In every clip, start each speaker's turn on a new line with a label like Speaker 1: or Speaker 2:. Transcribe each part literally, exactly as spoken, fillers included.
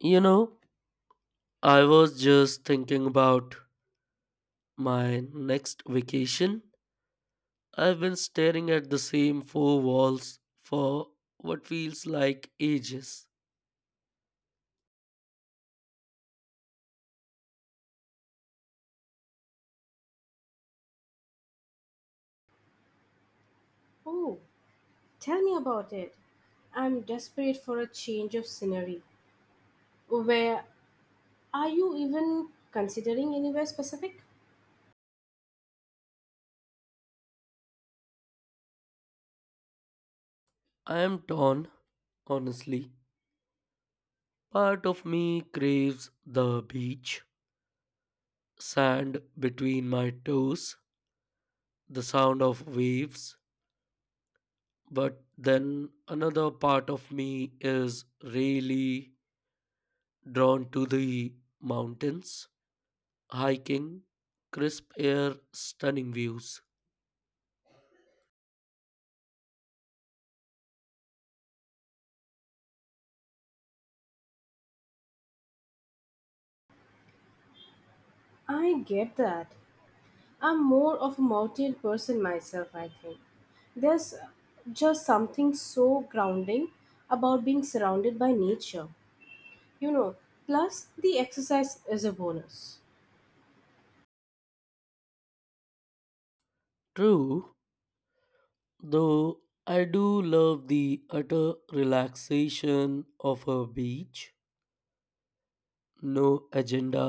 Speaker 1: You know, I was just thinking about my next vacation. I've been staring at the same four walls for what feels like ages.
Speaker 2: Oh, tell me about it. I'm desperate for a change of scenery. Where Are you even considering anywhere specific?
Speaker 1: I am torn, honestly. Part of me craves the beach, sand between my toes, the sound of waves, but then another part of me is really drawn to the mountains hiking, crisp air, stunning views.
Speaker 2: I get that. I'm more of a mountain person myself, I think. There's just something so grounding about being surrounded by nature. You know, Plus the exercise is a bonus.
Speaker 1: True, though I do love the utter relaxation of a beach. No agenda,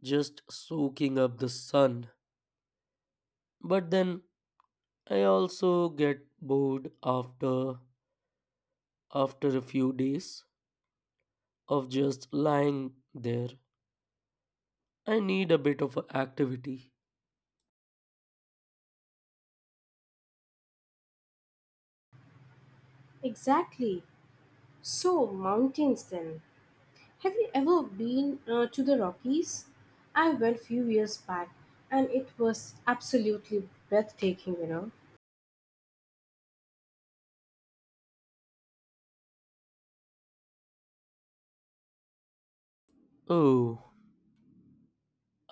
Speaker 1: just soaking up the sun. But then I also get bored after after a few days of just lying there. I need a bit of activity.
Speaker 2: Exactly. So, mountains then. Have you ever been uh, to the Rockies? I went few years back and it was absolutely breathtaking, you know.
Speaker 1: Oh,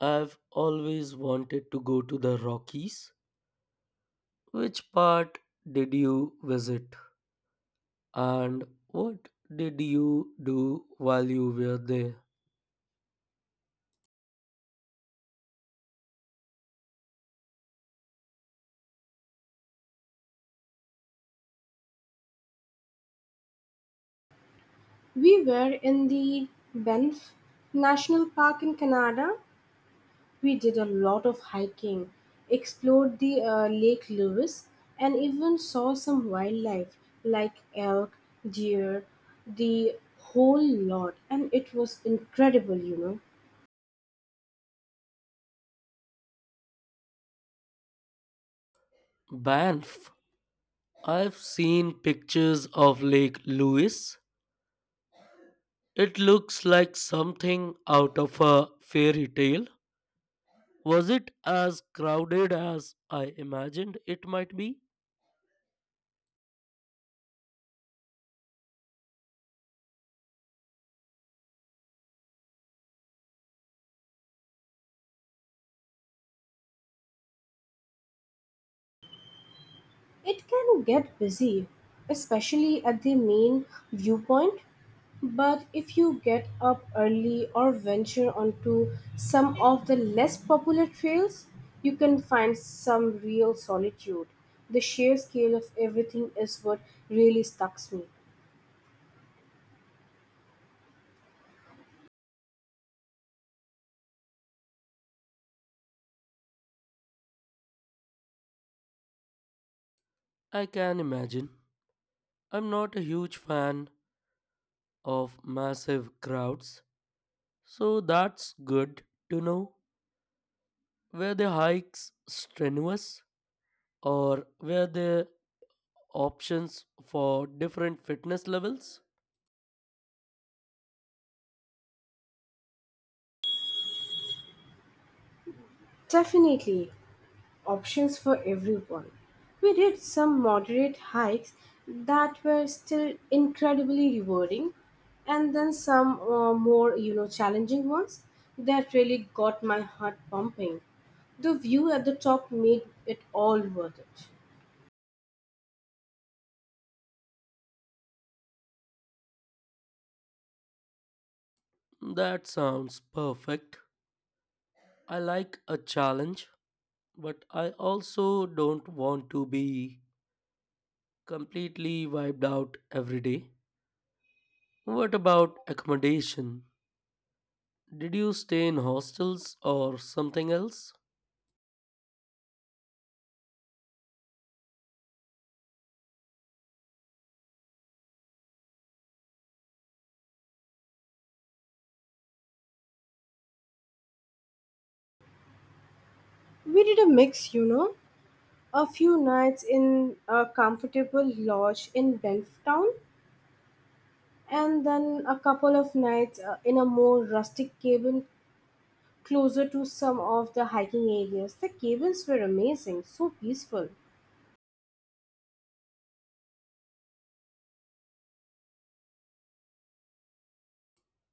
Speaker 1: I've always wanted to go to the Rockies. Which part did you visit? And what did you do while you were there?
Speaker 2: We were in the Banff National Park in Canada. We did a lot of hiking, explored the uh, Lake Louise, and even saw some wildlife like elk, deer, the whole lot. And it was incredible, you know.
Speaker 1: Banff. I've seen pictures of Lake Louise. It looks like something out of a fairy tale. Was it as crowded as I imagined it might be?
Speaker 2: It can get busy, especially at the main viewpoint. But if you get up early or venture onto some of the less popular trails, you can find some real solitude. The sheer scale of everything is what really stucks me.
Speaker 1: I can imagine. I'm not a huge fan of massive crowds, so that's good to know. Were the hikes strenuous? Or were there options for different fitness levels?
Speaker 2: Definitely. options for everyone. We did some moderate hikes that were still incredibly rewarding, and then some uh, more, you know, challenging ones that really got my heart pumping. The view at the top made it all worth it.
Speaker 1: That sounds perfect. I like a challenge, but I also don't want to be completely wiped out every day. What about accommodation? Did you stay in hostels or something else?
Speaker 2: We did a mix, you know, a few nights in a comfortable lodge in Banff Town, and then a couple of nights uh, in a more rustic cabin closer to some of the hiking areas. The cabins were amazing, so peaceful.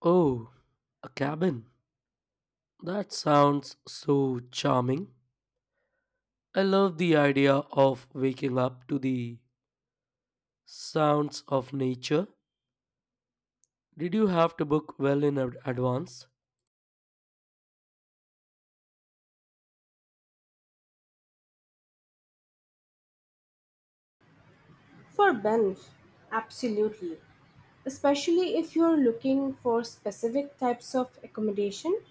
Speaker 1: Oh, a cabin. That sounds so charming. I love the idea of waking up to the sounds of nature. Did you have to book well in ad- advance?
Speaker 2: For Banff, absolutely. Especially if you are looking for specific types of accommodation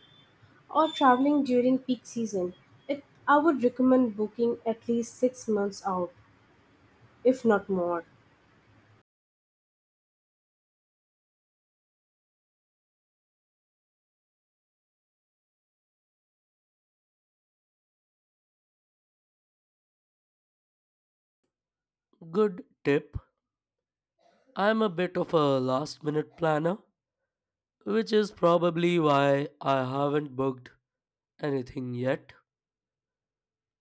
Speaker 2: or traveling during peak season, it, I would recommend booking at least six months out, if not more.
Speaker 1: Good tip. I'm a bit of a last minute planner, which is probably why I haven't booked anything yet.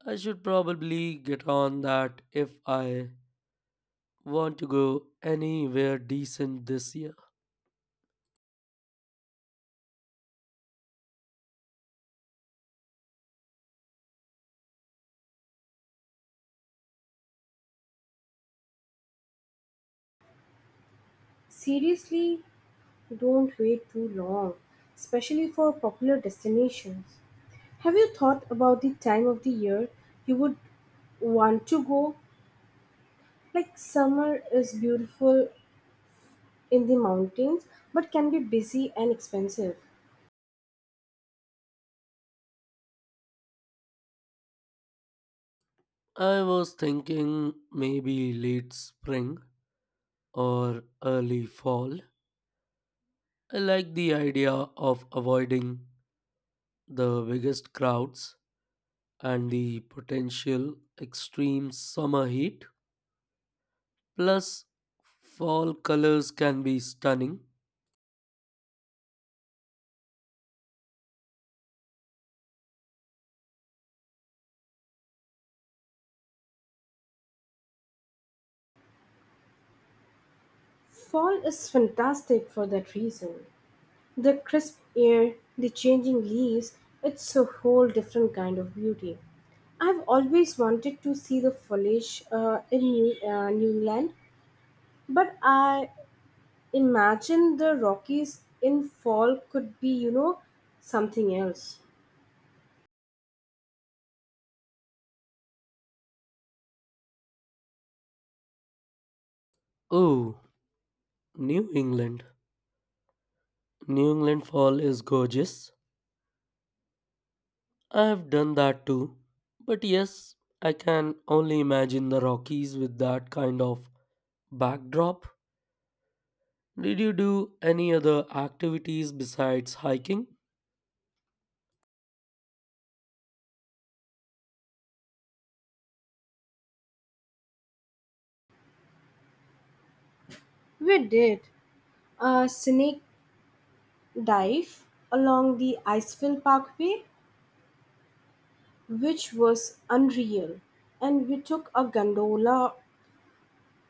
Speaker 1: I should probably get on that if I want to go anywhere decent this year.
Speaker 2: Seriously, don't wait too long, especially for popular destinations. Have you thought about the time of the year you would want to go? Like summer is beautiful in the mountains but can be busy and expensive.
Speaker 1: I was thinking maybe late spring or early fall. I like the idea of avoiding the biggest crowds and the potential extreme summer heat plus fall colors can be stunning.
Speaker 2: Fall is fantastic for that reason. The crisp air, the changing leaves, it's a whole different kind of beauty. I've always wanted to see the foliage uh, in New, uh, New England, but I imagine the Rockies in fall could be, you know, something else.
Speaker 1: Oh, New England. New England fall is gorgeous. I've done that too. But yes, I can only imagine the Rockies with that kind of backdrop. Did you do any other activities besides hiking?
Speaker 2: We did. A scenic dive along the Iceville Parkway, which was unreal, and we took a gondola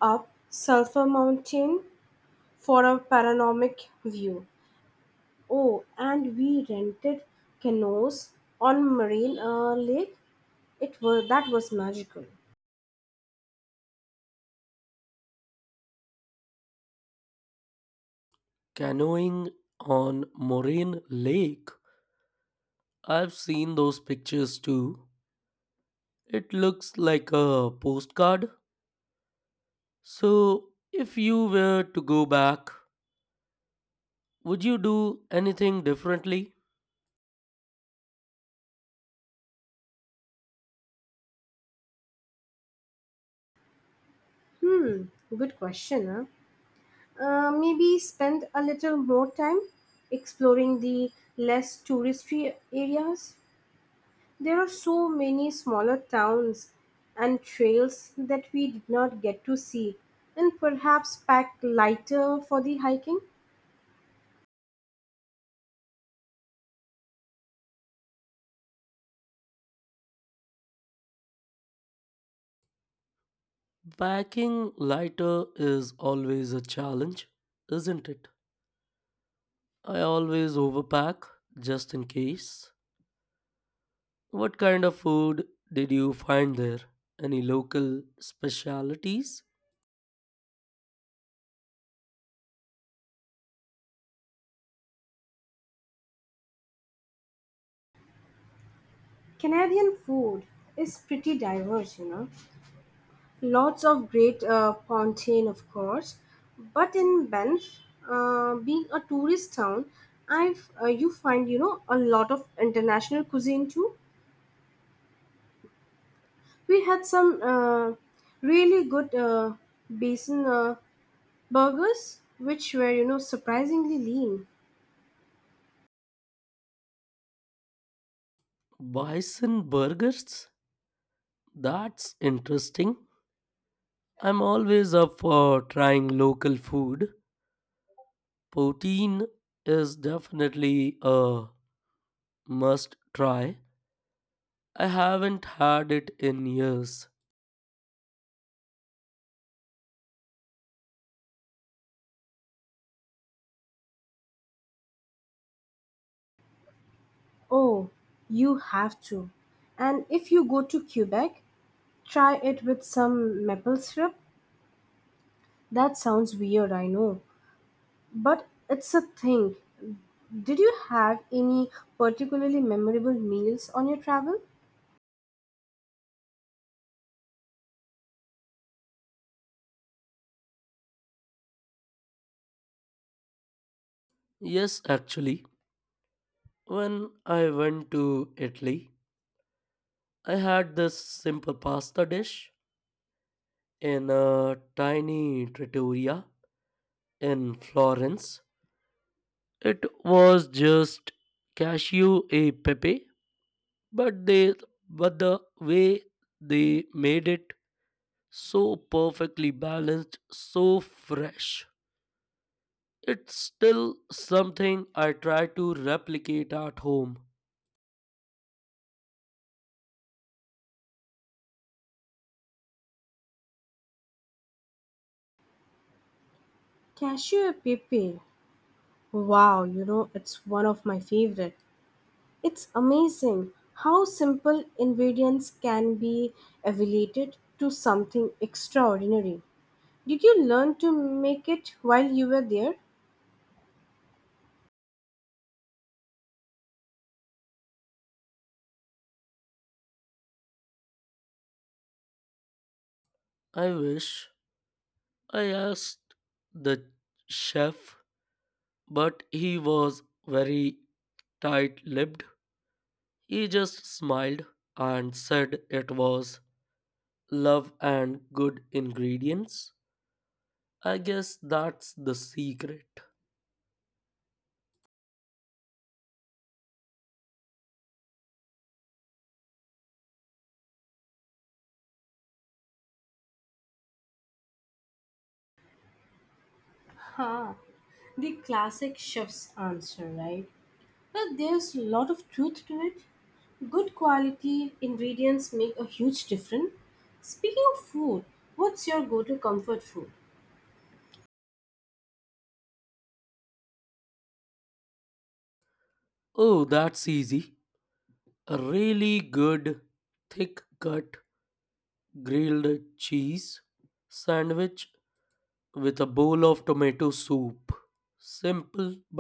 Speaker 2: up Sulphur Mountain for a panoramic view. Oh, and we rented canoes on Marine uh, Lake. It was that was magical.
Speaker 1: Canoeing on Moraine Lake. I've seen those pictures too. It looks like a postcard. So, if you were to go back, would you do anything differently?
Speaker 2: Hmm, good question. Huh? Uh, maybe spend a little more time exploring the less touristy areas. There are so many smaller towns and trails that we did not get to see, and perhaps pack lighter for the hiking.
Speaker 1: Packing lighter is always a challenge, isn't it? I always overpack just in case. What kind of food did you find there? Any local specialities?
Speaker 2: Canadian food is pretty diverse, you know. Lots of great uh, poutine, of course, but in Banff, uh, being a tourist town, I've uh, you find you know a lot of international cuisine too. We had some uh, really good uh, basin. Uh, Burgers, which were, you know, surprisingly lean.
Speaker 1: Bison burgers? That's interesting. I'm always up for trying local food. Poutine is definitely a must try. I haven't had it in years.
Speaker 2: Oh, you have to. And if you go to Quebec, try it with some maple syrup. That sounds weird, I know, but it's a thing. Did you have any particularly memorable meals on your travel?
Speaker 1: Yes, actually, when I went to Italy, I had this simple pasta dish in a tiny trattoria in Florence. It was just cashew e pepe, but they but the way they made it so perfectly balanced, so fresh. It's still something I try to replicate at home.
Speaker 2: Cashew pepe. Wow, you know, it's one of my favorite. It's amazing how simple ingredients can be elevated to something extraordinary. Did you learn to make it while you were there?
Speaker 1: I wish I asked the chef, but he was very tight lipped. He just smiled and said it was love and good ingredients. I guess that's the secret.
Speaker 2: Huh, the classic chef's answer, right? But there's a lot of truth to it. Good quality ingredients make a huge difference. Speaking of food, what's your go to comfort food?
Speaker 1: Oh, that's easy. A really good, thick cut grilled cheese sandwich with a bowl of tomato soup. Simple but